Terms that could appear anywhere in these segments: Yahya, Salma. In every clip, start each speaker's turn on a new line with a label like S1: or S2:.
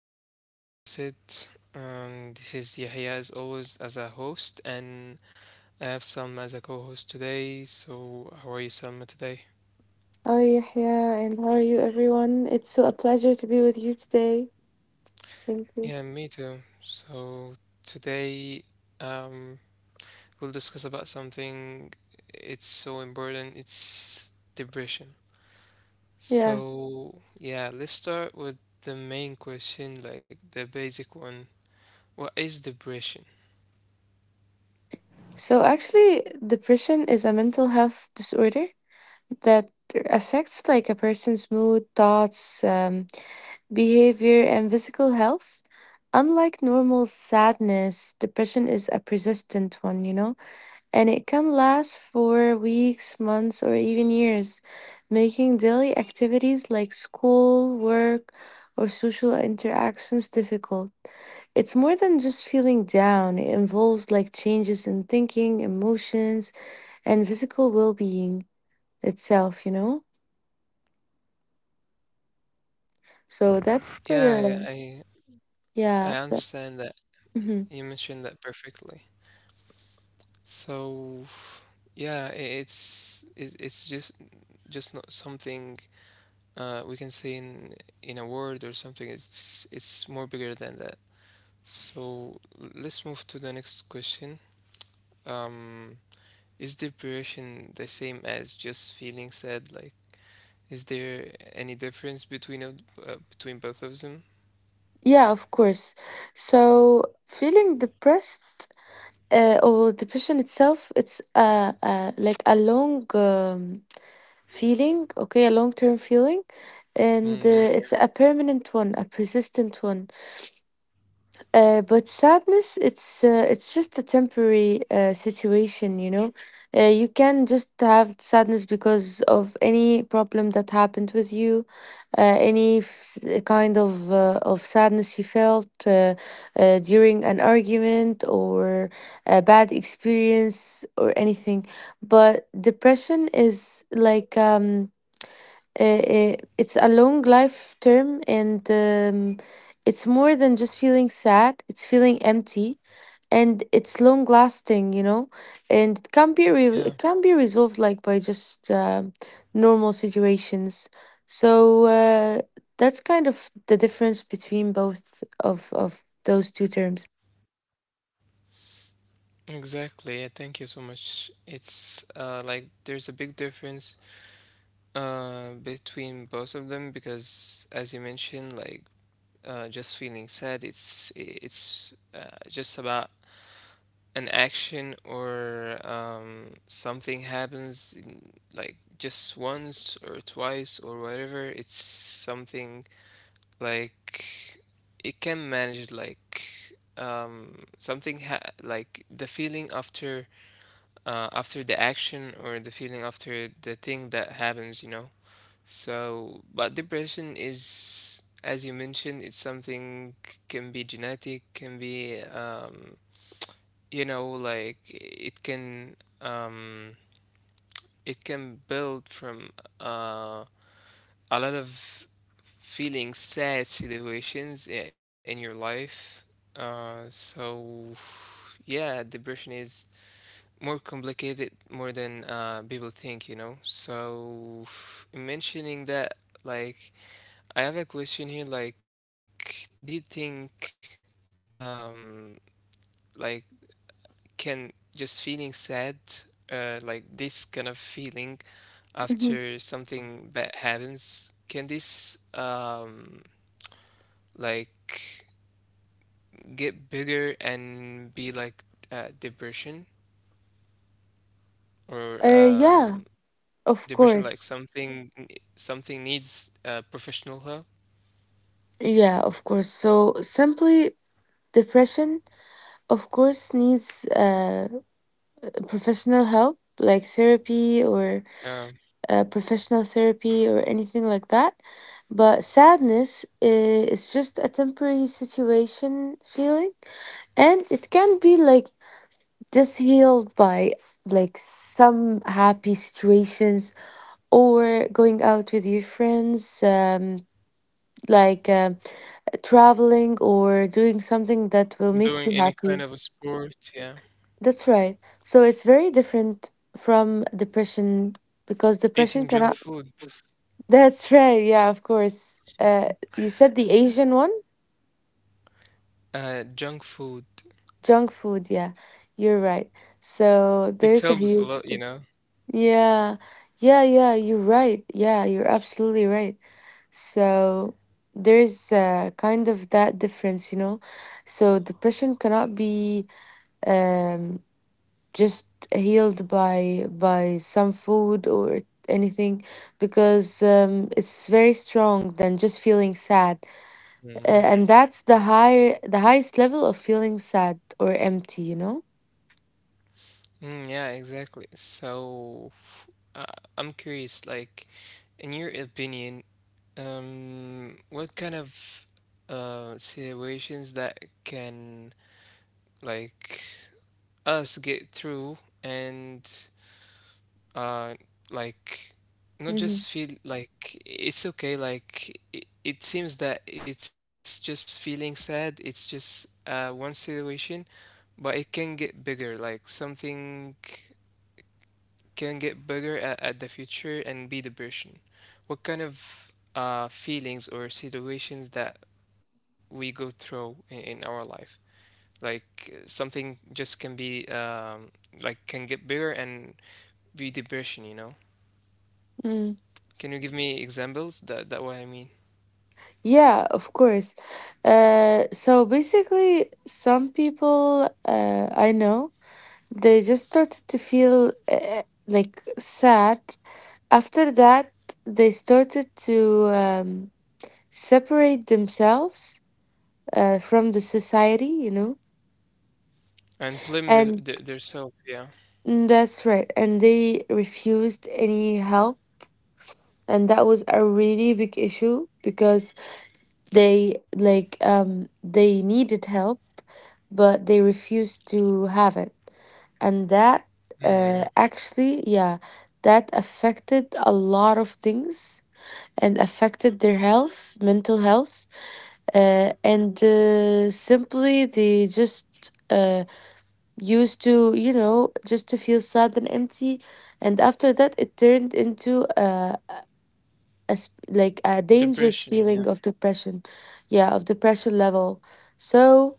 S1: back to another episode. This is Yahya as always as a host, and I have Salma as a co-host today. So how are you, Salma, today?
S2: Hi, Yahya, and how are you, everyone? It's so a pleasure to be with you today. Thank
S1: Yeah,
S2: you.
S1: me too. So today, um, we'll discuss about something. It's so important. It's depression.
S2: Yeah.
S1: So yeah, let's start with the main question, like the basic one. What is depression?
S2: So, actually, depression is a mental health disorder that affects like a person's mood, thoughts, behavior, and physical health. Unlike normal sadness, depression is a persistent one, you know? And it can last for weeks, months, or even years, making daily activities like school, work, or social interactions difficult. It's more than just feeling down, it involves like changes in thinking, emotions, and physical well being itself, So
S1: Yeah,
S2: that's
S1: I I
S2: the,
S1: I
S2: yeah.
S1: understand that. You
S2: Mhm.
S1: mentioned that perfectly. So, yeah, it's just not something we can say in a word or something. It's more bigger than that. So let's move to the next question. Um, is depression the same as just feeling sad? Like, is there any difference between both of them?
S2: Yeah, of course. So feeling depressed, or depression itself, it's like a long feeling, okay, a long term feeling, and
S1: Mm,
S2: it's a permanent one, a persistent one. But sadness, it's just a temporary situation, you know. You can just have sadness because of any problem that happened with you, uh, any f- kind of sadness you felt during an argument or a bad experience or anything. But depression is like it's a long life term and it's more than just feeling sad, it's feeling empty, and it's long lasting, you know. And
S1: yeah.
S2: it can be resolved like by just normal situations so uh, that's kind of the difference between both of those two terms.
S1: Exactly. Yeah, thank you so much. It's like there's a big difference between both of them because as you mentioned, like just feeling sad, it's just about an action or something happens like just once or twice or whatever. It's something like it can manage like something ha like the feeling after after the action or the feeling after the thing that happens, you know. So, but depression is, as you mentioned, it's something can be genetic, can be, like um, it can build from uh, a lot of feeling sad situations in your life. So yeah, depression is more complicated more than people think so mentioning that like I have a question here like do you think um like can just feeling sad like this kind of feeling after
S2: Mhm.
S1: something bad happens can this like get bigger and be like depression or
S2: Yeah of
S1: Depression, like
S2: course.
S1: something needs professional help.
S2: Yeah, of course. So simply, depression of course needs professional help, like therapy or
S1: Yeah,
S2: professional therapy or anything like that. But sadness is just a temporary situation feeling, and it can be like just healed by like some happy situations or going out with your friends, like traveling or doing something that will
S1: doing
S2: make
S1: any
S2: you
S1: kind of a
S2: happy.
S1: sport. Yeah,
S2: That's right. So it's very different from depression because depression
S1: eating junk
S2: cannot.
S1: food.
S2: That's right. Yeah, of course. You said the Asian one?
S1: Junk food.
S2: Junk food. Yeah, you're right. So
S1: It
S2: there's a
S1: helps a
S2: huge.
S1: lot, you
S2: Di-
S1: know.
S2: Yeah, yeah, yeah. You're right. Yeah, you're absolutely right. So there's kind of that difference, you know. So depression cannot be um just healed by some food or anything because it's very strong than just feeling sad,
S1: Mm, yeah.
S2: and that's the higher the highest level of feeling sad or empty, you know.
S1: Mm, yeah, exactly. So, uh, I'm curious, like, in your opinion, what kind of situations that can like us get through and uh like not
S2: Hmm.
S1: just feel like it's okay like it seems that it's just feeling sad it's just one situation but it can get bigger like something can get bigger at the future and be depression. What kind of feelings or situations that we go through in our life like something just can be like can get bigger and be depression.
S2: Mm.
S1: Can you give me examples? That what I mean.
S2: Yeah, of course. So basically, some people I know, they just started to feel like sad. After that, they started to separate themselves from the society, you know.
S1: And blame the
S2: And
S1: their self, yeah.
S2: mm, that's right. And they refused any help. And that was a really big issue because they like they needed help, but they refused to have it. And that
S1: Mm, yeah.
S2: uh, actually, yeah, that affected a lot of things and affected their health, mental health, and simply they just used to, you know, just to feel sad and empty, and after that it turned into like a dangerous
S1: Depression, yeah.
S2: feeling of depression, yeah, of depression level. so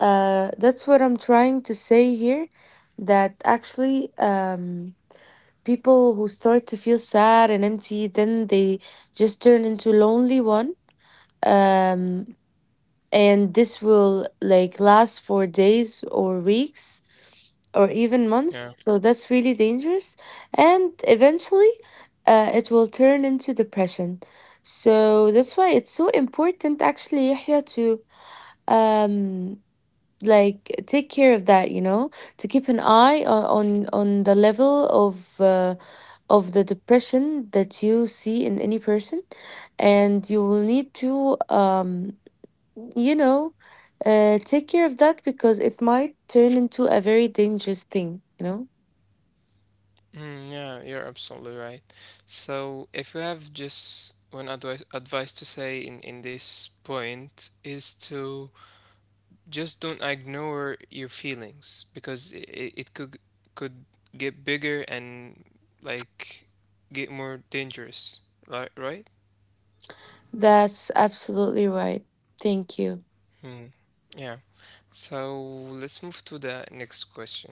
S2: uh, that's what I'm trying to say here, that actually people who start to feel sad and empty, then they just turn into lonely one, um, and this will like last for days or weeks or even
S1: Yeah.
S2: months, so that's really dangerous. And eventually, it will turn into depression. So that's why it's so important actually, Yahya, to um like take care of that, you know, to keep an eye on the level of the depression that you see in any person, and you will need to you know, take care of that because it might turn into a very dangerous thing, you know?
S1: Mm, yeah, you're absolutely right. So if you have just one advice to say in this point is to just don't ignore your feelings because it could get bigger and like get more dangerous. Right, right?
S2: That's absolutely right. Thank you.
S1: Hmm. Yeah. So let's move to the next question.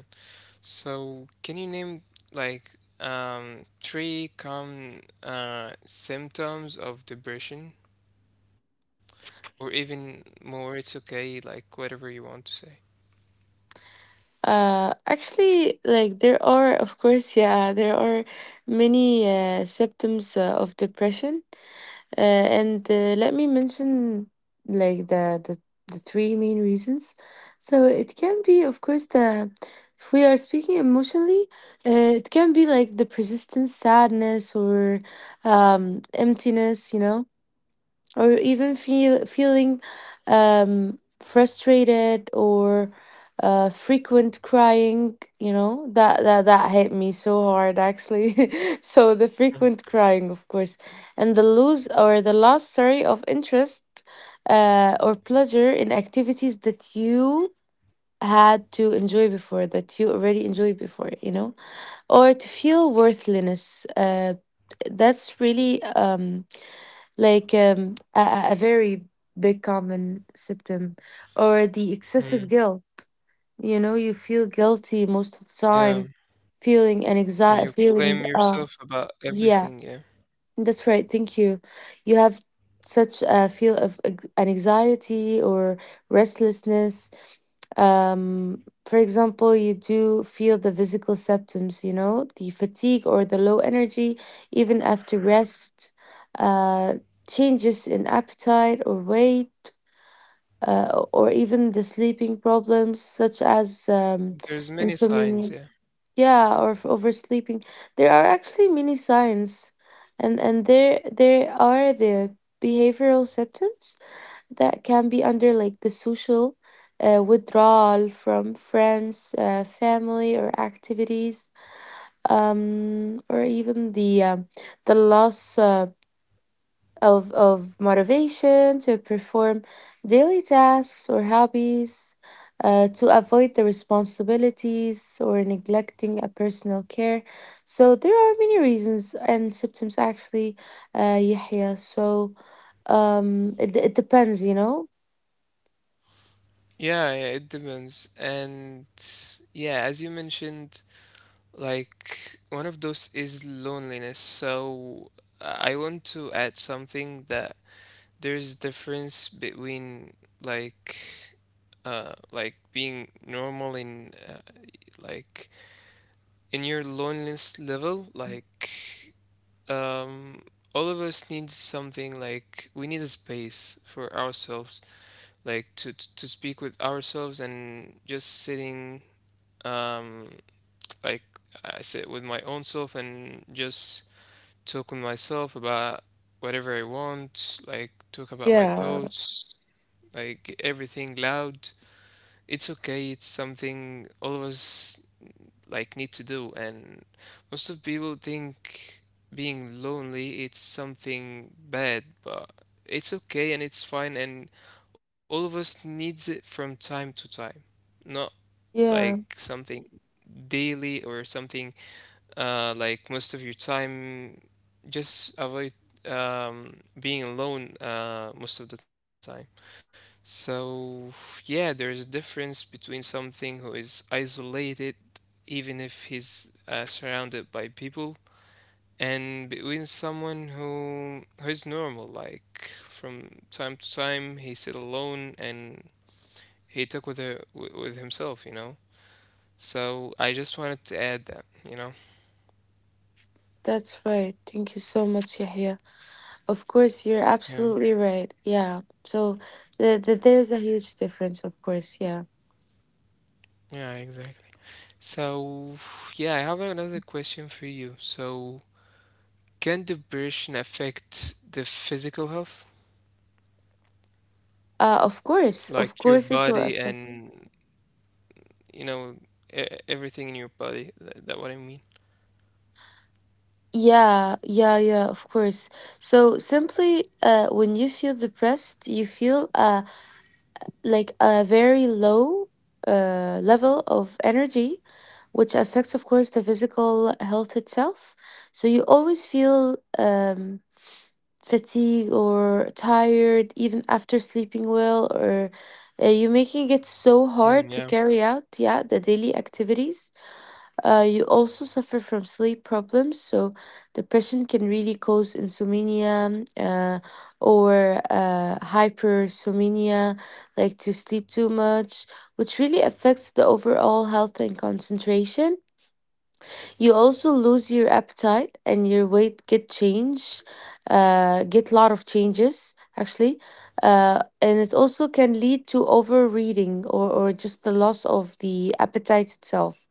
S1: So, can you name like three common symptoms of depression, or even more? It's okay, like whatever you want to say.
S2: Actually, like there are, of course, yeah, there are many symptoms of depression. And Let me mention like the three main reasons. So it can be, of course, the, if we are speaking emotionally, uh, it can be like the persistent sadness or emptiness, you know, or even feeling frustrated or frequent crying. You know, that hit me so hard actually. So the frequent crying, of course, and the lose or the loss, sorry, of interest or pleasure in activities that you had to enjoy before that you already enjoyed before, you know, or to feel worthlessness, that's really a very big common symptom, or the excessive guilt.
S1: Mhm.
S2: You know, you feel guilty most of the time,
S1: Yeah,
S2: feeling an anxiety,
S1: and you
S2: feeling,
S1: blame yourself about
S2: yeah,
S1: everything. Yeah,
S2: that's right. Thank you. You have such a feel of an anxiety or restlessness. For example, you do feel the physical symptoms, you know, the fatigue or the low energy, even after rest, uh, changes in appetite or weight, or even the sleeping problems such as
S1: there's many
S2: insomnia.
S1: signs. Yeah,
S2: Yeah, or oversleeping. There are actually many signs, and there are the behavioral symptoms that can be under like the social withdrawal from friends, family, or activities, or even the loss. Of motivation to perform daily tasks or hobbies, to avoid the responsibilities or neglecting a personal care. So there are many reasons and symptoms actually, Yahya. So it depends, you know?
S1: yeah, yeah. It depends, and yeah, as you mentioned, like one of those is loneliness. So I want to add something that there's difference between like like being normal in like in your loneliness level like um all of us need something like we need a space for ourselves like to speak with ourselves and just sitting um like I sit with my own self and just talk with myself about whatever I want like talk about my
S2: Yeah,
S1: thoughts like everything loud. It's okay, it's something all of us like need to do, and most of people think being lonely it's something bad, but it's okay and it's fine and all of us needs it from time to time. Not like
S2: yeah,
S1: something daily or something like most of your time just avoid being alone most of the time. So, yeah, there is a difference between something who is isolated, even if he's surrounded by people, and between someone who is normal, like from time to time he sit alone and he talk with her, with himself, you know. So I just wanted to add that, you know.
S2: that's right. Thank you so much, Yahya. Of course, you're
S1: Yeah.
S2: absolutely right. Yeah. So there's a huge difference, of course. Yeah.
S1: Yeah, exactly. So, yeah, I have another question for you. So, can depression affect the physical health?
S2: Of
S1: Like your
S2: course, it will
S1: body
S2: affect.
S1: and you know e everything in your body. That what I mean.
S2: Yeah, yeah, yeah, of course. So simply, when you feel depressed, you feel like a very low level of energy, which affects, of course, the physical health itself. So you always feel fatigued or tired, even after sleeping well, or you're making it so
S1: Mm,
S2: hard
S1: yeah.
S2: to carry out, yeah, the daily activities. You also suffer from sleep problems, so depression can really cause insomnia, or hypersomnia, like to sleep too much, which really affects the overall health and concentration. You also lose your appetite and your weight get change, get lot of changes actually, and it also can lead to overeating or just the loss of the appetite itself,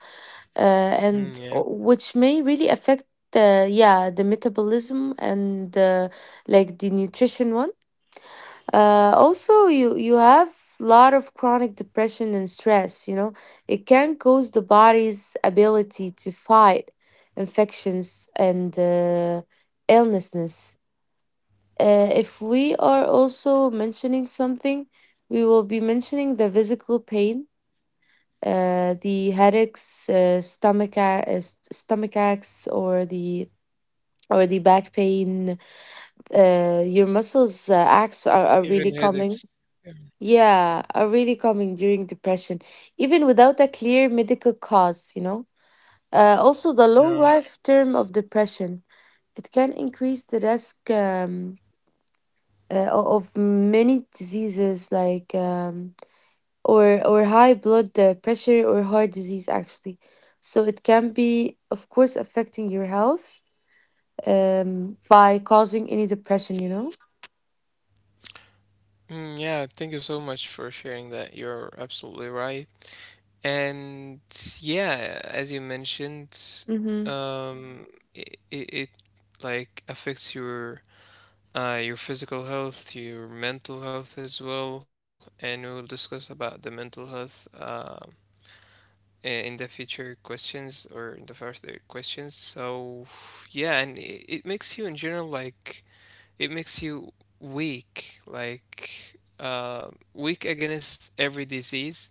S2: uh, and
S1: Mm,
S2: uh,
S1: yeah.
S2: which may really affect the, yeah, the metabolism and like the nutrition one. Also, you have a lot of chronic depression and stress. You know, it can cause the body's ability to fight infections and illnesses. If we are also mentioning something, we will be mentioning the physical pain, the headaches, uh, stomach aches, or the, or the back pain. Your muscles aches are really
S1: Even
S2: common.
S1: headaches. Yeah.
S2: Yeah, are really common during depression, even without a clear medical cause, you know. Also, the long
S1: Yeah.
S2: life term of depression, it can increase the risk of many diseases like or high blood pressure or heart disease actually. So it can be, of course, affecting your health, by causing any depression, you know.
S1: Mm, yeah. Thank you so much for sharing that. You're absolutely right. And yeah, as you mentioned,
S2: Mm-hmm.
S1: um, it like affects your physical health, your mental health as well. And we will discuss about the mental health in the future questions or in the further questions. So yeah, and it makes you in general like it makes you weak, like weak against every disease,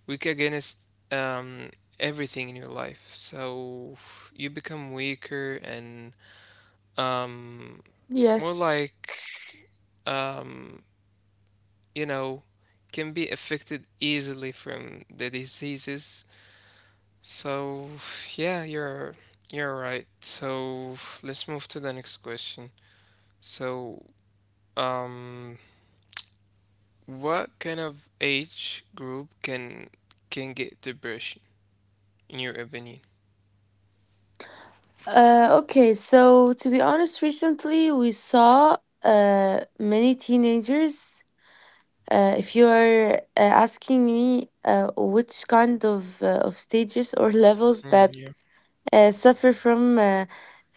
S1: weak against everything in your life. So you become weaker and um, more
S2: Yes.
S1: like um, you know can be affected easily from the diseases. So, yeah, you're right. So, let's move to the next question. So, um, what kind of age group can get depression in your opinion?
S2: Okay, so to be honest, recently we saw many teenagers. If you are asking me which kind of stages or levels
S1: Mm,
S2: that
S1: yeah,
S2: uh, suffer from uh,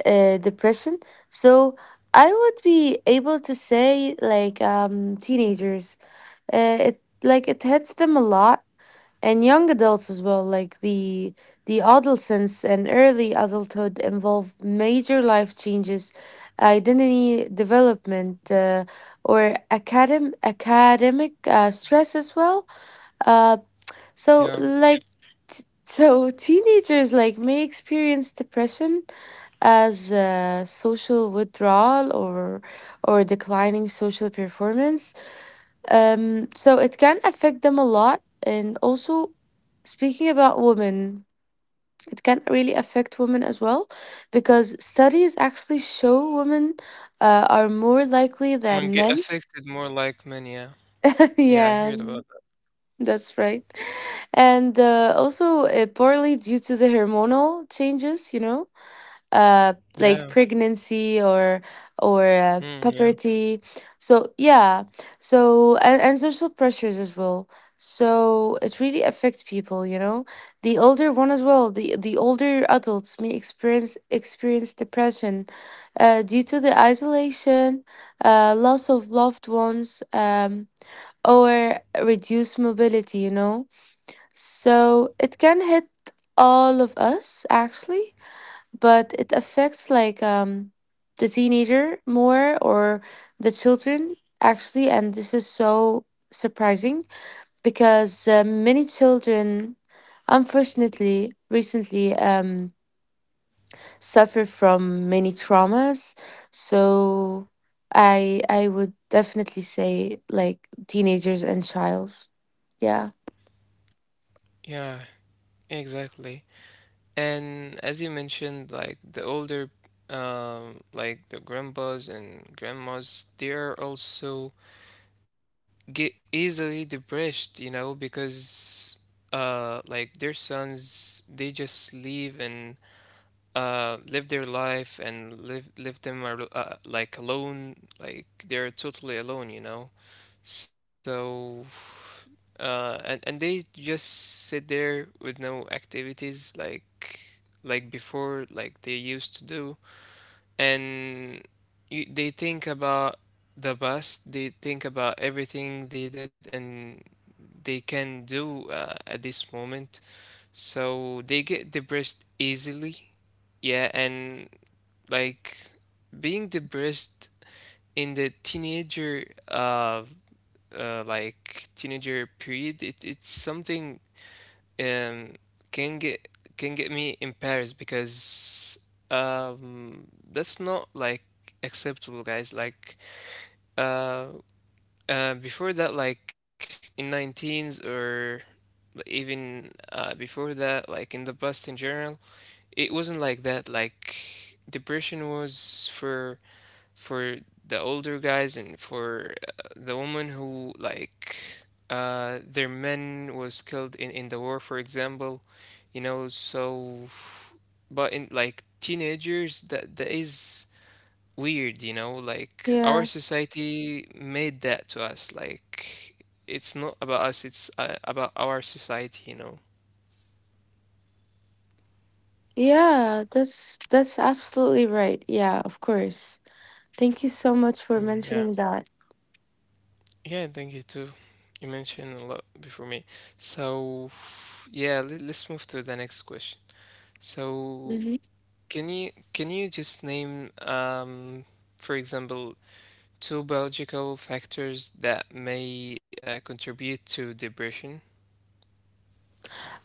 S2: uh, depression, so I would be able to say like teenagers. It like it hits them a lot, and young adults as well, like the adolescence and early adulthood involve major life changes, identity development, or academic stress as well, uh, so
S1: yeah.
S2: like t- so teenagers like may experience depression as social withdrawal or declining social performance, so it can affect them a lot. And also, speaking about women, it can really affect women as well, because studies actually show women are more likely
S1: I mean,
S2: than
S1: get
S2: men.
S1: affected more like many. Yeah. Yeah, I heard
S2: Yeah,
S1: about that.
S2: that's right. And also, partly due to the hormonal changes, you know, like
S1: Yeah,
S2: pregnancy or
S1: mm, yeah.
S2: puberty. So yeah, so and social pressures as well, so it really affects people, you know. The older one as well, the older adults may experience depression due to the isolation, loss of loved ones, or reduced mobility, you know. So it can hit all of us actually, but it affects like um, the teenager more, or the children actually, and this is so surprising because many children unfortunately recently suffer from many traumas. So I would definitely say like teenagers and childs, yeah.
S1: Yeah, exactly. And as you mentioned, like the older, like the grandpas and grandmas, they're also get easily depressed, because like their sons they just live and live their life and live them like alone, like they're totally alone. So and they just sit there with no activities like before like they used to do and they think about the past. They think about everything they did and they can do at this moment. So they get depressed easily. Yeah, and like being depressed in the teenager like teenager period, it's something um can get me embarrassed because that's not like acceptable, guys, like uh before that like in 19s or even before that, like in the past in general, it wasn't like that. Like depression was for the older guys and for the woman who like their men was killed in the war, for example, you know. So, but in like teenagers, that is weird. Like our
S2: Yeah,
S1: society made that to us. Like it's not about us; it's about our society.
S2: yeah, that's absolutely right. Yeah, of course. Thank you so much for
S1: Mm, yeah.
S2: mentioning that.
S1: Yeah, thank you too. You mentioned a lot before me. So, yeah, let's move to the next question. So,
S2: Hmm.
S1: can you just name for example two biological factors that may contribute to depression?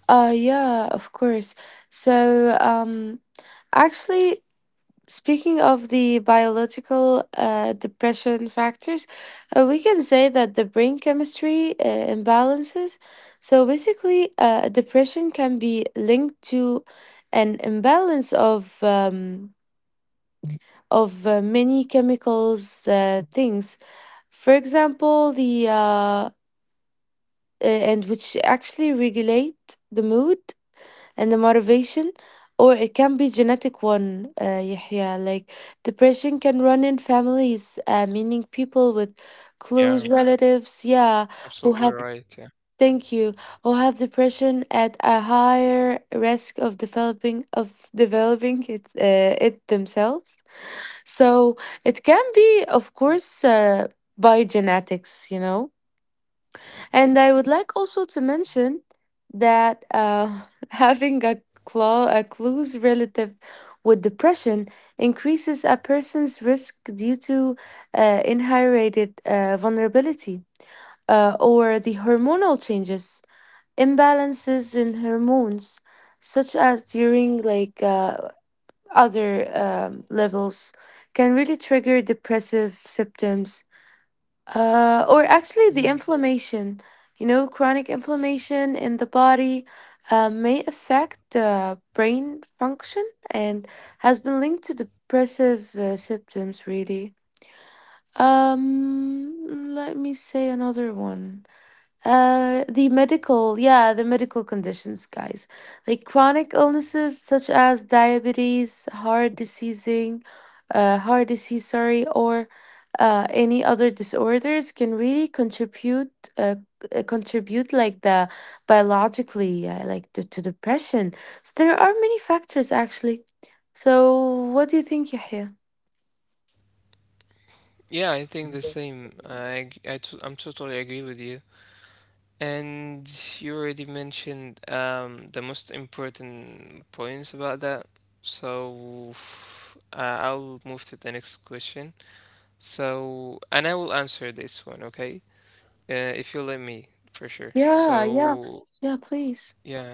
S2: Yeah, of course. So, actually, speaking of the biological depression factors, we can say that the brain chemistry imbalances. So basically, depression can be linked to an imbalance of many chemicals things. For example, the uh, and which actually regulate the mood and the motivation. Or it can be genetic one, yeah like depression can run in families, meaning people with close
S1: Yeah,
S2: relatives, yeah, who
S1: absolutely
S2: have,
S1: right. Yeah.
S2: thank you, who have depression at a higher risk of developing it, it themselves. So it can be, of course, by genetics, you know. And I would like also to mention that, having a, a close relative with depression increases a person's risk due to inherited vulnerability, or the hormonal changes, imbalances in hormones, such as during like, other, levels, can really trigger depressive symptoms, or actually, the
S1: Mhm.
S2: inflammation, you know, chronic inflammation in the body may affect brain function and has been linked to depressive, symptoms, really. Um, Let me say another one. The medical, yeah, the medical conditions, guys. Like chronic illnesses such as diabetes, heart disease, sorry, or any other disorders can really contribute, uh, contribute like the biologically, like to depression. So there are many factors actually. So what do you think, Yahya?
S1: Yeah, I think the same. I, ag- I t I'm totally agree with you. And you already mentioned the most important points about that. So I'll move to the next question. So, and I will answer this one, okay? If you let me, for sure.
S2: Yeah, yeah,
S1: So,
S2: yeah, please.
S1: yeah.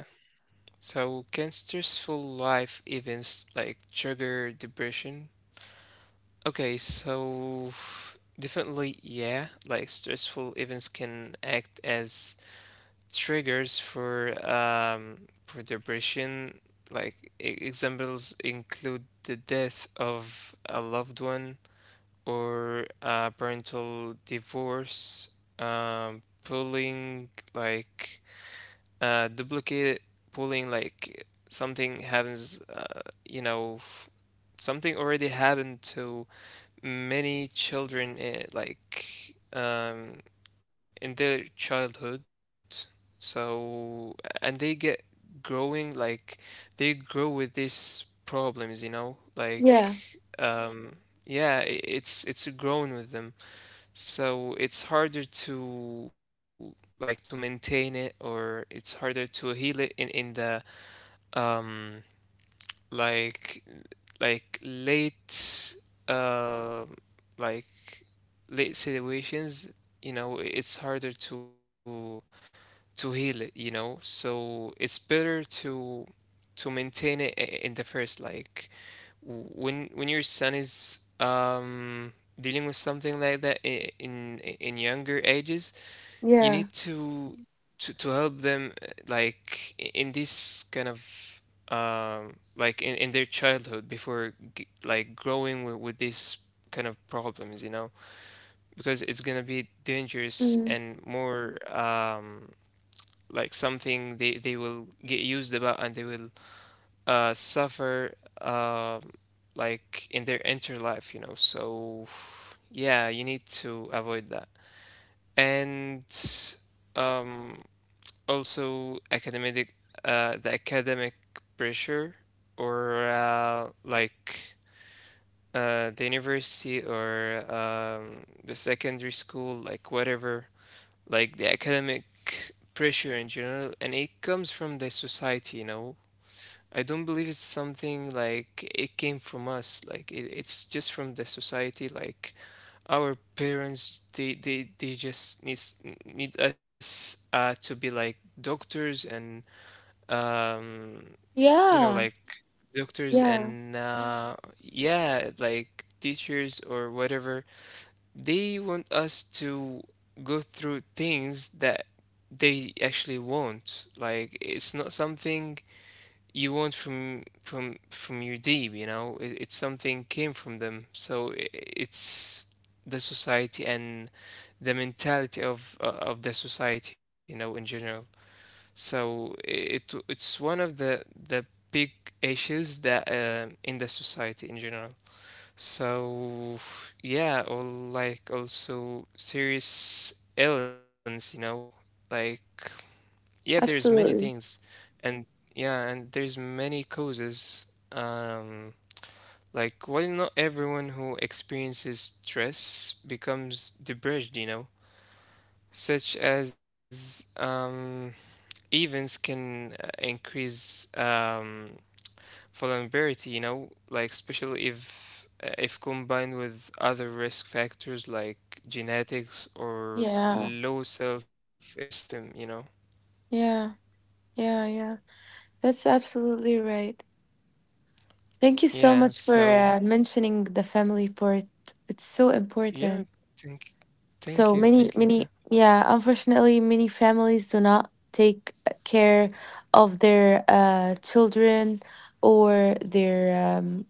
S1: So, can stressful life events like trigger depression? Okay, so definitely, yeah. Like stressful events can act as triggers for depression, like examples include the death of a loved one or a parental divorce, pulling like duplicate pulling like something happens, something already happened to many children like in their childhood. So and they get growing like they grow with these problems
S2: Yeah,
S1: like um, yeah it's grown with them so it's harder to like to maintain it or it's harder to heal it in the um like like late um like late situations, you know, it's harder to heal it. So it's better to maintain it in the first, like when your son is dealing with something like that in younger ages, you
S2: yeah.
S1: need to help them like in this kind of like in their childhood before like growing with these kind of problems because it's gonna be dangerous
S2: Mm.
S1: and more like something they will get used about and they will suffer um like in their inner life. So yeah, you need to avoid that. And um, also academic the academic pressure or like the university or the secondary school, like whatever like the academic pressure in general, and it comes from the society. I don't believe it's something like it came from us. Like it's just from the society. Like our parents, they just need us to be like doctors and um you know
S2: Yeah,
S1: like doctors
S2: yeah.
S1: and yeah like teachers or whatever they want us to go through things that they actually want. Like it's not something you want from from your deep, you know. It's something came from them. So I it's the society and the mentality of the society, you know, in general. So it's one of the the big issues that in the society in general. So yeah, or like also serious illness, you know, like yeah, there's many things,
S2: Absolutely.
S1: and yeah, and there's many causes. Um, like while not everyone who experiences stress becomes depressed, you know, such as events can increase vulnerability, you know, like especially if combined with other risk factors like genetics or
S2: Yeah.
S1: low self-esteem, you know.
S2: Yeah. Yeah. Yeah. That's absolutely right. Thank you so
S1: Yeah,
S2: much for
S1: so
S2: mentioning the family part. It's so
S1: yeah,
S2: important.
S1: thank
S2: So many,
S1: thank you too.
S2: many, yeah, unfortunately, many families do not take care of their children or their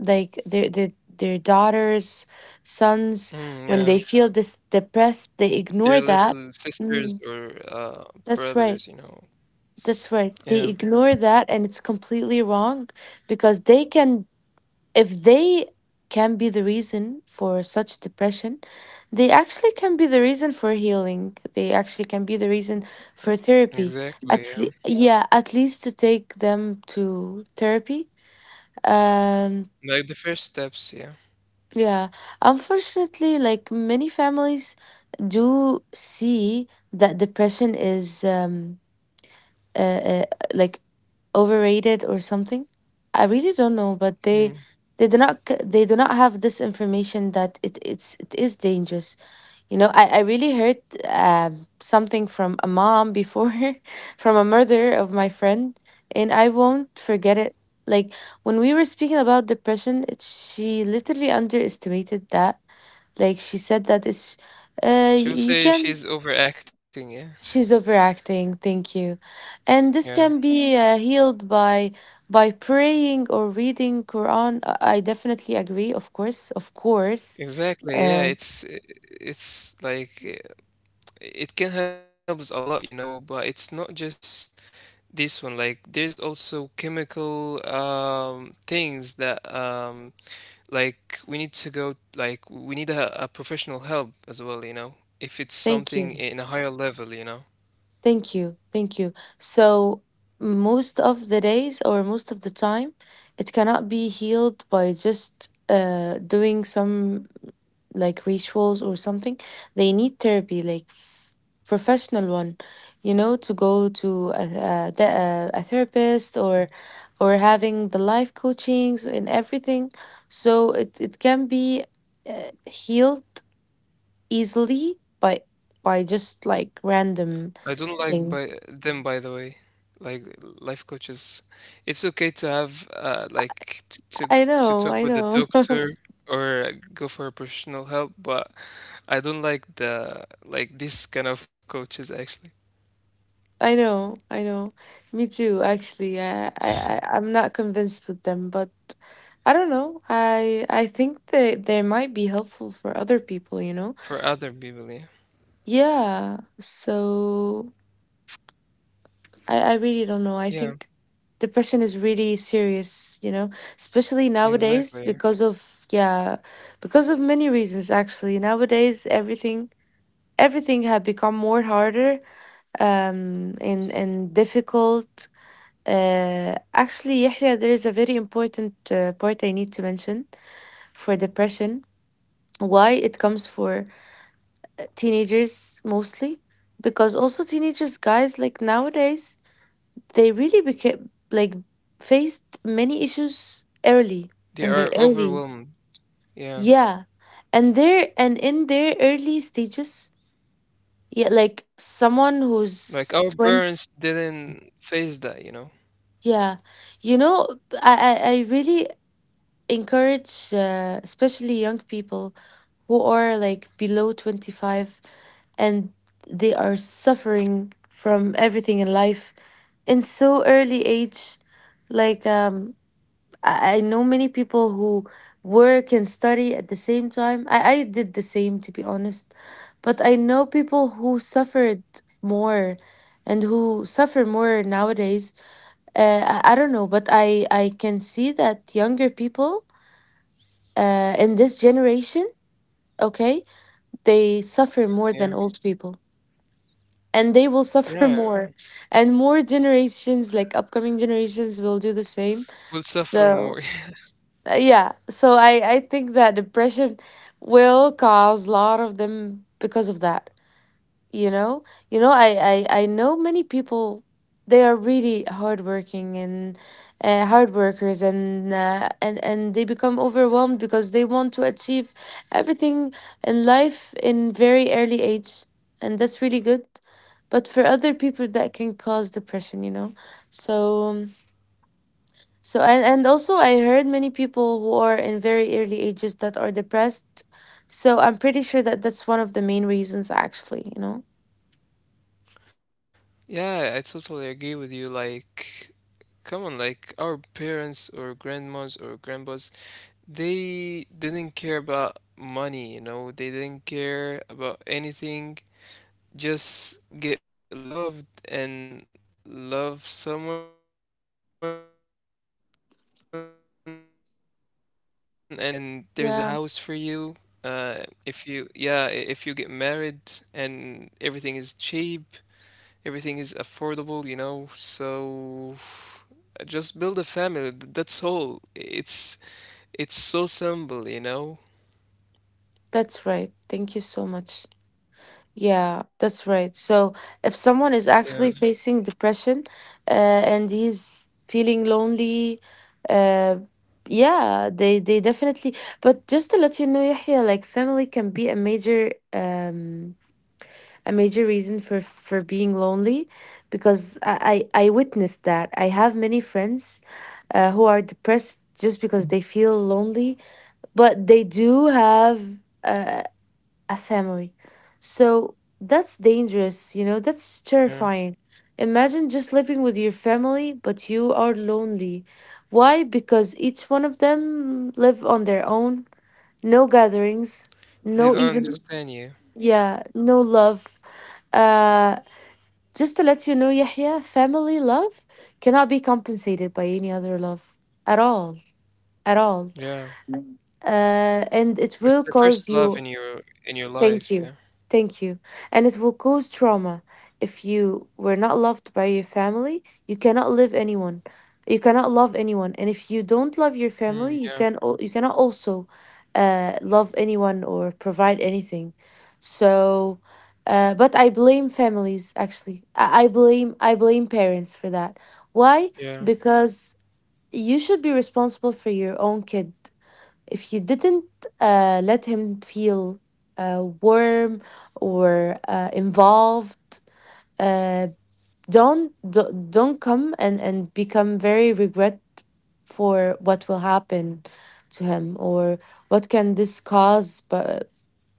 S2: like their daughters, sons.
S1: Mm,
S2: When they
S1: yeah,
S2: feel this depressed, they ignore
S1: they're
S2: that.
S1: little
S2: Mm,
S1: sisters or
S2: that's right.
S1: brothers, you know.
S2: That's right. They
S1: Yeah,
S2: ignore that and it's completely wrong because they can, if they can be the reason for such depression, they actually can be the reason for healing. They actually can be the reason for therapy.
S1: exactly. Yeah,
S2: Yeah, at least to take them to therapy. Um,
S1: like the first steps. Yeah,
S2: yeah. Unfortunately, like many families do see that depression is uh, uh, like overrated or something. I really don't know, but they
S1: mm.
S2: they do not they do not have this information that it is dangerous. You know, I really heard something from a mom before, from a mother of my friend, and I won't forget it. Like when we were speaking about depression, she literally underestimated that. Like she said that it's you
S1: She'll say
S2: can,
S1: she's overacting. Yeah,
S2: she's overacting. Thank you. And this
S1: yeah,
S2: can be healed by praying or reading Quran. I definitely agree. Of course, of course.
S1: exactly. Yeah,
S2: Uh,
S1: it's like it can help us a lot, you know, but it's not just this one. Like there's also chemical things that like we need to go like we need a professional help as well, you know, if it's something
S2: thank
S1: in
S2: you.
S1: a higher level, you know.
S2: Thank you. Thank you. So, most of the days or most of the time, it cannot be healed by just doing some like rituals or something. They need therapy, like professional one, you know, to go to a therapist or having the life coachings and everything. So it can be healed easily by just like random
S1: I don't like by
S2: things.
S1: them by the way. Like life coaches, it's okay to have to talk
S2: I
S1: with a
S2: know,
S1: doctor or go for a professional help, but I don't like the like this kind of coaches actually
S2: I know, I know. Me too, actually. I'm not convinced with them, but I don't know. I think that they might be helpful for other people, you know?
S1: for other people. Yeah,
S2: Yeah. So I really
S1: yeah,
S2: don't know. I think depression is really serious, you know, especially
S1: exactly. Yeah.
S2: nowadays because of, yeah, because of many reasons, actually. Nowadays, everything have become more harder, and difficult. Actually, Yahya, there is a very important part I need to mention for depression. Why it comes for teenagers mostly, because also teenagers, guys, like nowadays, they really became like faced many issues early
S1: They
S2: in their
S1: are
S2: early,
S1: overwhelmed. Yeah,
S2: yeah, and in their early stages, yeah, like someone
S1: like our
S2: who's
S1: parents
S2: 20,
S1: didn't face that, you know.
S2: yeah, you know, I really encourage, especially young people who are like below 25, and they are suffering from everything in life in so early age, like I know many people who work and study at the same time. I did the same to be honest, but I know people who suffered more, and who suffer more nowadays. I don't know, but i can see that younger people in this generation, okay, they suffer more than old
S1: Yeah,
S2: people. And they will suffer
S1: yeah,
S2: more. And more generations, like upcoming generations, will do the same.
S1: we'll
S2: So,
S1: suffer more.
S2: yeah. So I think that depression will cause a lot of them because of that, you know. I know many people, they are really hardworking and, hard workers and they become overwhelmed because they want to achieve everything in life in very early age, and that's really good, but for other people that can cause depression, you know. So, so and also I heard many people who are in very early ages that are depressed, so I'm pretty sure that that's one of the main reasons actually, you know.
S1: Yeah, I totally agree with you. Like, come on, like our parents or grandmas or grandpas, they didn't care about money, you know, they didn't care about anything. Just get loved and love someone and just get married and build a family and there's a house for
S2: Yeah.
S1: you. Uh, if if you get married and everything is cheap. Everything is affordable, you know, so just build a family. That's all. It's so simple, you know?
S2: That's right. Thank you so much. Yeah, that's right. So
S1: Yeah,
S2: if someone is actually facing depression, uh, and he's feeling lonely, uh, yeah, they definitely. But just to let you know, Yahya, like family can be a major reason for being lonely, because I witnessed that. I have many friends, who are depressed just because they feel lonely, but they do have, a, a family. So that's dangerous, you know,
S1: yeah.
S2: that's terrifying. Imagine just living with your family, but you are lonely. Why? Because each one of them live on their own. No gatherings, no
S1: They don't
S2: even,
S1: understand you. Yeah.
S2: yeah, no love. Uh, just to let you know, Yahya, family love cannot be compensated by any other love at all, at all.
S1: Yeah.
S2: And it will
S1: It's
S2: cause
S1: the
S2: you,
S1: first love in your in
S2: thank
S1: your
S2: you.
S1: life, yeah.
S2: Thank you. And it will cause trauma. If you were not loved by your family, you cannot live anyone. You cannot love anyone. And if you don't love your family,
S1: Hmm, yeah.
S2: you cannot also love anyone or provide anything. So but I blame families actually. I blame parents for that. Why?
S1: Yeah.
S2: Because you should be responsible for your own kid. If you didn't let him feel warm or involved, uh, don't come and become very regret for what will happen to him or what can this cause but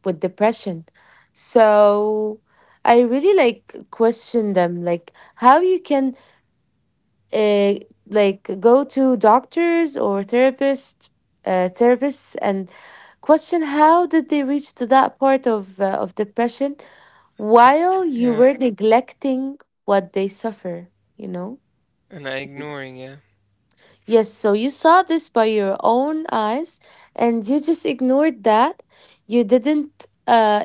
S2: with depression. So I really like question them, like how you can, uh, like go to doctors or therapists, and question how did they reach to that part of depression while you were
S1: Yeah.
S2: neglecting what they suffer, you know.
S1: And I ignoring, yeah.
S2: Yes, so you saw this by your own eyes and you just ignored that. You didn't,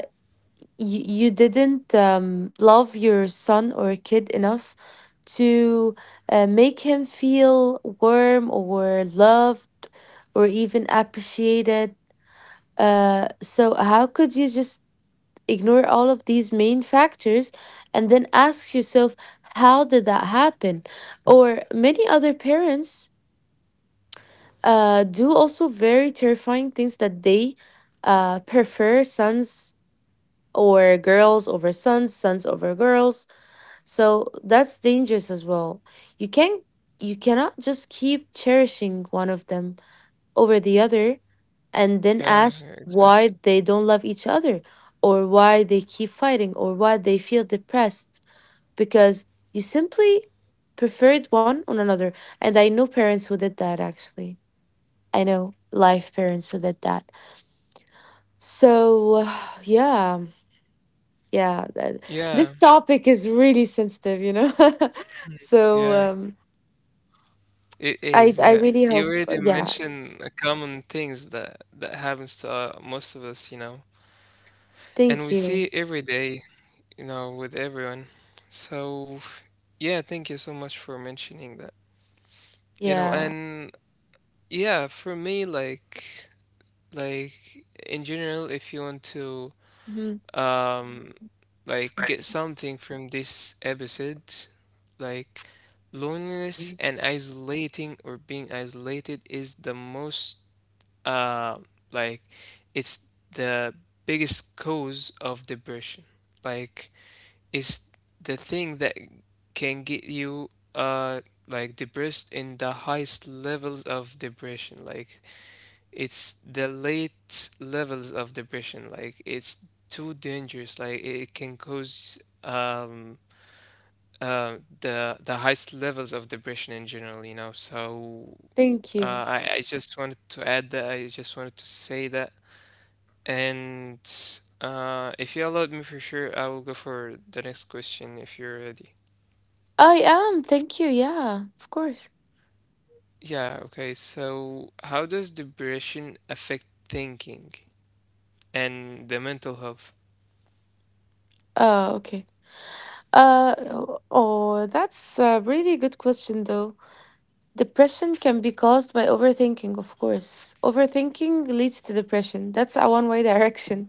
S2: you, you didn't, love your son or kid enough to make him feel warm or loved or even appreciated. So, how could you just ignore all of these main factors and then ask yourself, how did that happen? Or many other parents do also very terrifying things, that they prefer sons or girls over sons, sons over girls. So that's dangerous as well. You can't, you cannot just keep cherishing one of them over the other and then
S1: Yeah,
S2: ask
S1: yeah, exactly.
S2: why they don't love each other, or why they keep fighting, or why they feel depressed, because you simply preferred one on another. And I know parents who did that actually. I know life parents who did that. So yeah, yeah, that-
S1: Yeah,
S2: this topic is really sensitive, you know. So,
S1: yeah. It is,
S2: I
S1: yeah.
S2: really
S1: You
S2: hope.
S1: already
S2: Yeah.
S1: mentioned a common things that happens to most of us, you know. And
S2: Thank
S1: we see
S2: you.
S1: it every day, you know, with everyone. So, yeah, thank you so much for mentioning that. You know,
S2: Yeah.
S1: and yeah, for me, like in general, if you want to,
S2: Mhm.
S1: um, like, get something from this episode, like, loneliness and isolating or being isolated is the most, uh, like, it's the biggest cause of depression. Like, is the thing that can get you uh like depressed in the highest levels of depression, like it's the late levels of depression, like it's too dangerous, like it can cause the highest levels of depression in general, you know. So
S2: Thank you.
S1: I just wanted to add that. I just wanted to say that. And if you allowed me, for sure I will go for the next question if you're ready.
S2: I am. Thank you. Yeah. Of course.
S1: Yeah, okay. So, how does depression affect thinking and the mental health?
S2: Oh, okay. Uh oh, oh, that's a really good question though. Depression can be caused by overthinking, of course. Overthinking leads to depression. That's a one-way direction.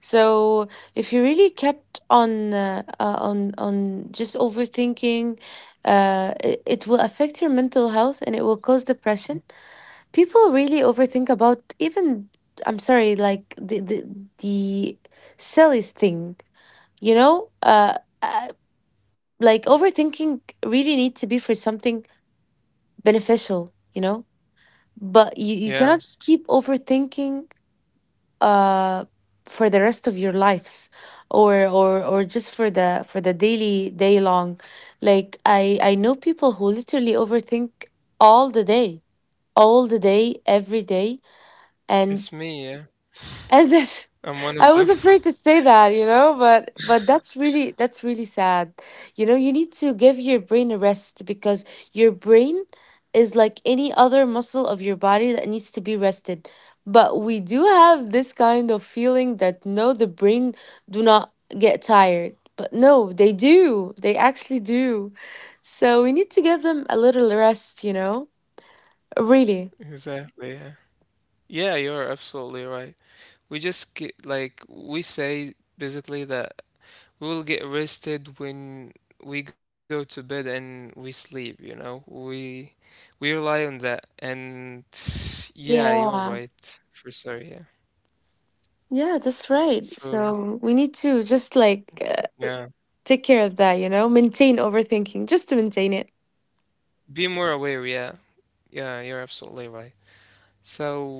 S2: So, if you really kept on, on just overthinking, it will affect your mental health and it will cause depression. People really overthink about even, I'm sorry, like the silliest thing, you know, like overthinking really need to be for something beneficial, you know. But you
S1: Yeah,
S2: cannot just keep overthinking uh for the rest of your lives, or just for the daily day long. Like i know people who literally overthink all the day, all the day every day. and
S1: it's me, yeah.
S2: and this,
S1: I'm one of
S2: I
S1: them.
S2: was afraid to say that, you know, but that's really, that's really sad. You know, you need to give your brain a rest because your brain is like any other muscle of your body that needs to be rested. But we do have this kind of feeling that no, the brain do not get tired. But no, they do. They actually do. So we need to give them a little rest, you know? Really.
S1: Exactly, yeah. Yeah, you're absolutely right. We just get, like we say basically that we will get rested when we go to bed and we sleep, you know. We rely on that. And yeah, you're
S2: Yeah.
S1: right. For sure, yeah.
S2: Yeah, that's right.
S1: So,
S2: So we need to just like
S1: yeah,
S2: take care of that, you know, maintain overthinking just to maintain it.
S1: be more aware, yeah. Yeah, you're absolutely right. So,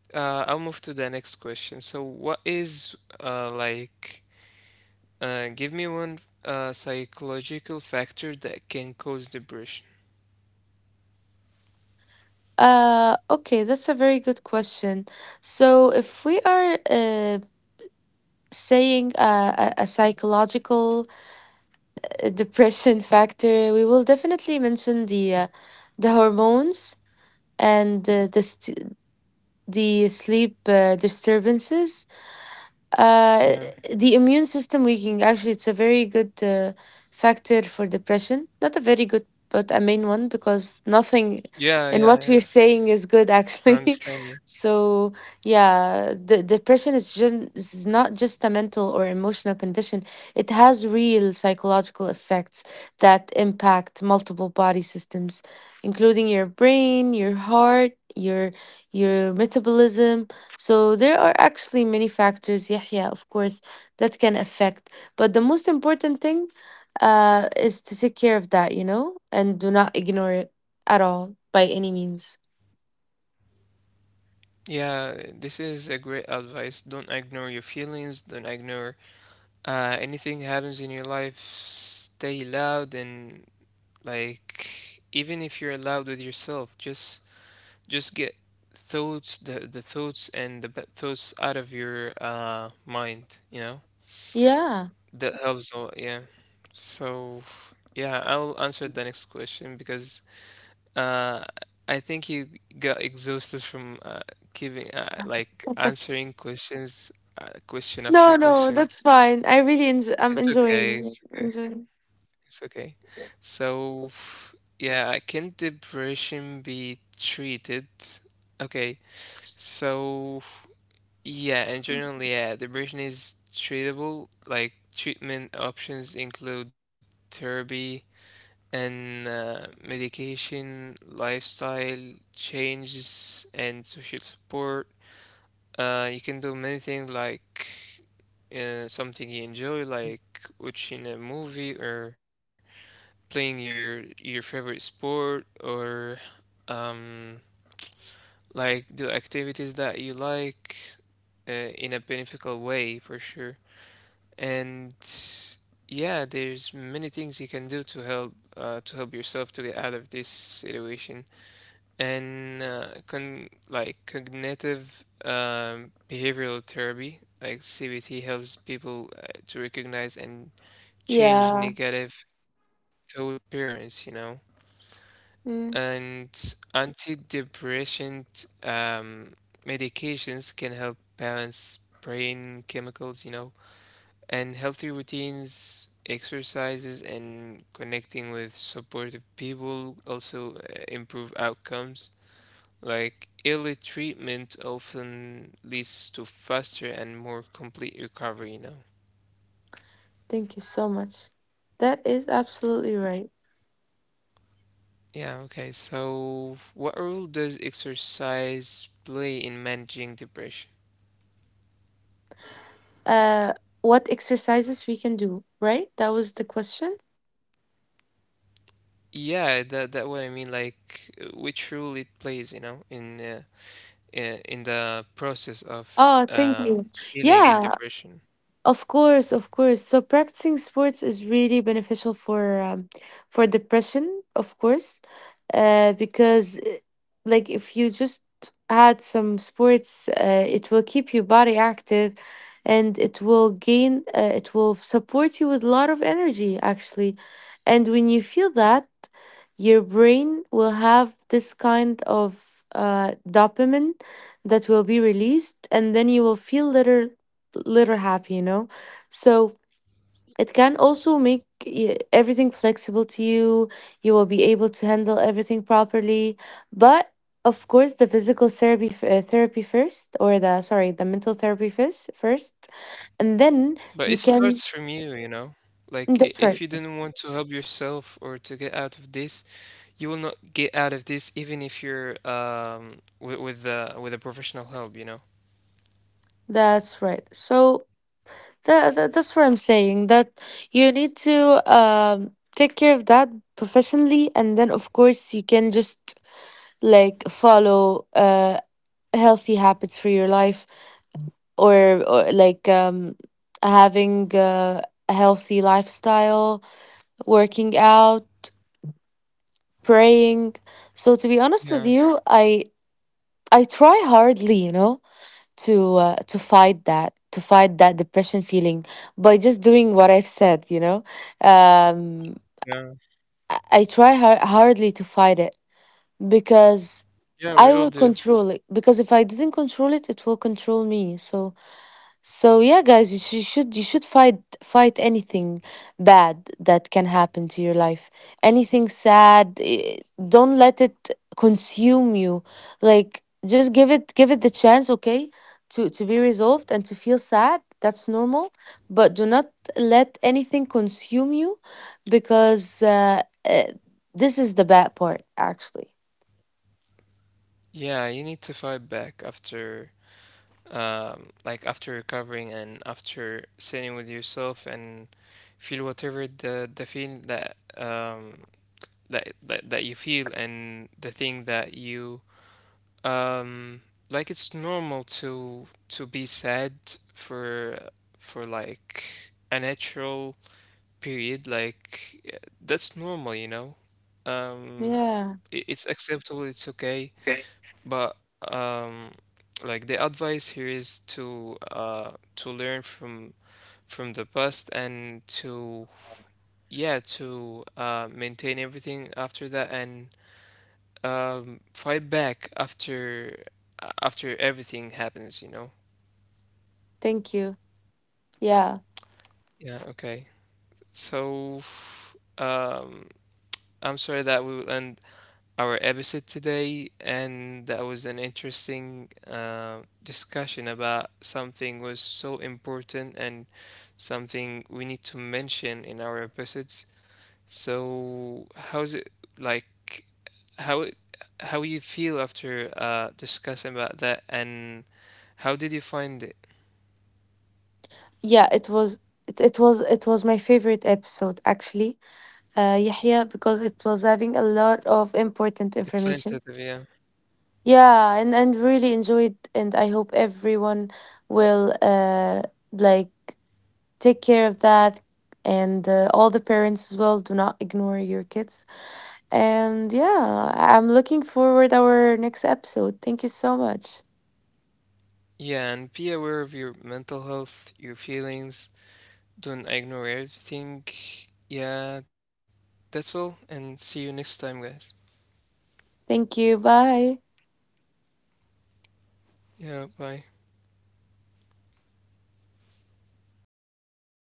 S1: I'll move to the next question. So, what is like, give me one psychological factor that can cause depression?
S2: Okay, that's a very good question. So, if we are saying a psychological depression factor, we will definitely mention the hormones and the sleep disturbances. Uh,
S1: Yeah.
S2: the immune system weakening, actually, it's a very good factor for depression. Not a very good, but a main one because nothing
S1: Yeah,
S2: in
S1: yeah,
S2: what we're
S1: yeah.
S2: saying is good,
S1: I
S2: actually.
S1: understand you.
S2: So, yeah, the depression is not just a mental or emotional condition. It has real psychological effects that impact multiple body systems, including your brain, your heart, your metabolism, so there are actually many factors, Yahya, of course, that can affect. But the most important thing is to take care of that, you know, and do not ignore it at all by any means.
S1: Yeah, this is a great advice. Don't ignore your feelings. Don't ignore anything happens in your life. Stay loud and like, even if you're loud with yourself, just get the thoughts and the bad thoughts out of your mind, you know?
S2: Yeah.
S1: That helps a lot, yeah. So, yeah, I'll answer the next question because uh, I think you got exhausted from giving, like, answering questions, question
S2: No,
S1: after
S2: no,
S1: question.
S2: that's fine. I really enjoy. I'm
S1: It's okay,
S2: enjoying.
S1: it's okay,
S2: Enjoying.
S1: it's okay. So, yeah, can depression be treated? Okay, so yeah, and generally, yeah, depression is treatable. Like treatment options include therapy and medication, lifestyle changes, and social support. You can do many things like something you enjoy, like watching a movie or playing your favorite sport, or um, like do activities that you like uh, in a beneficial way for sure. And yeah, there's many things you can do to help yourself to get out of this situation. And con like cognitive behavioral therapy, like CBT, helps people to recognize and change
S2: Yeah.
S1: negative thought patterns, you know.
S2: Mm,
S1: And antidepressant medications can help balance brain chemicals, you know, and healthy routines, exercises, and connecting with supportive people also improve outcomes. Like early treatment often leads to faster and more complete recovery, you know.
S2: thank you so much. That is absolutely right.
S1: Yeah, okay. So, what role does exercise play in managing depression?
S2: Uh, what exercises we can do, right? That was the question.
S1: Yeah, that that what I mean, like which role it plays, you know, in in the process
S2: Oh,
S1: of
S2: thank you. Yeah,
S1: healing in depression.
S2: of course, of course. So practicing sports is really beneficial for depression, of course, because like if you just add some sports, it will keep your body active, and it will support you with a lot of energy actually, and when you feel that, your brain will have this kind of dopamine that will be released, and then you will feel better, little happy, you know? So it can also make everything flexible to you. You will be able to handle everything properly. But of course, the physical therapy, f- therapy first, or the, sorry, the mental therapy first, first. And then you
S1: But it
S2: can,
S1: starts from you, you know? Like,
S2: that's right.
S1: if you didn't want to help yourself or to get out of this, you will not get out of this, even if you're with a professional help, you know?
S2: That's right. So that's what I'm saying, that you need to take care of that professionally and then of course you can just like follow healthy habits for your life, or like having a healthy lifestyle, working out, praying. So to be
S1: Yeah,
S2: honest with you, I try hardly, you know, to fight that, to fight that depression feeling by just doing what I've said, you know, um
S1: yeah,
S2: I hardly to fight it because
S1: yeah,
S2: I
S1: we all
S2: will
S1: do.
S2: control it. Because if I didn't control it, it will control me. So, so yeah, guys, you should you should fight anything bad that can happen to your life. Anything sad, eh, don't let it consume you. Like just give it the chance, okay, to be resolved and to feel sad. That's normal, but do not let anything consume you, because uh, this is the bad part, actually.
S1: Yeah, you need to fight back after like after recovering and after sitting with yourself and feel whatever the feeling that that you feel and the thing that you Um, like it's normal to be sad for like a natural period. Like yeah, that's normal, you know. Um,
S2: Yeah.
S1: it's acceptable. It's okay. But um, like the advice here is to learn from the past and to yeah to maintain everything after that and fight back after everything happens, you know?
S2: Thank you. Yeah.
S1: Yeah, okay. So um I'm sorry that we will end our episode today, and that was an interesting discussion about something was so important and something we need to mention in our episodes. So how's it like how it- how you feel after discussing about that? And how did you find it?
S2: Yeah, it was it was my favorite episode actually. Uh, Yahya, because it was having a lot of
S1: It's
S2: important
S1: sensitive,
S2: information.
S1: yeah.
S2: Yeah, and really enjoyed and I hope everyone will like take care of that and all the parents as well, do not ignore your kids. And yeah, I'm looking forward our next episode. Thank you so much.
S1: Yeah, and be aware of your mental health, your feelings. Don't ignore everything. Yeah, that's all. And see you next time, guys.
S2: Thank you. Bye.
S1: Yeah, bye.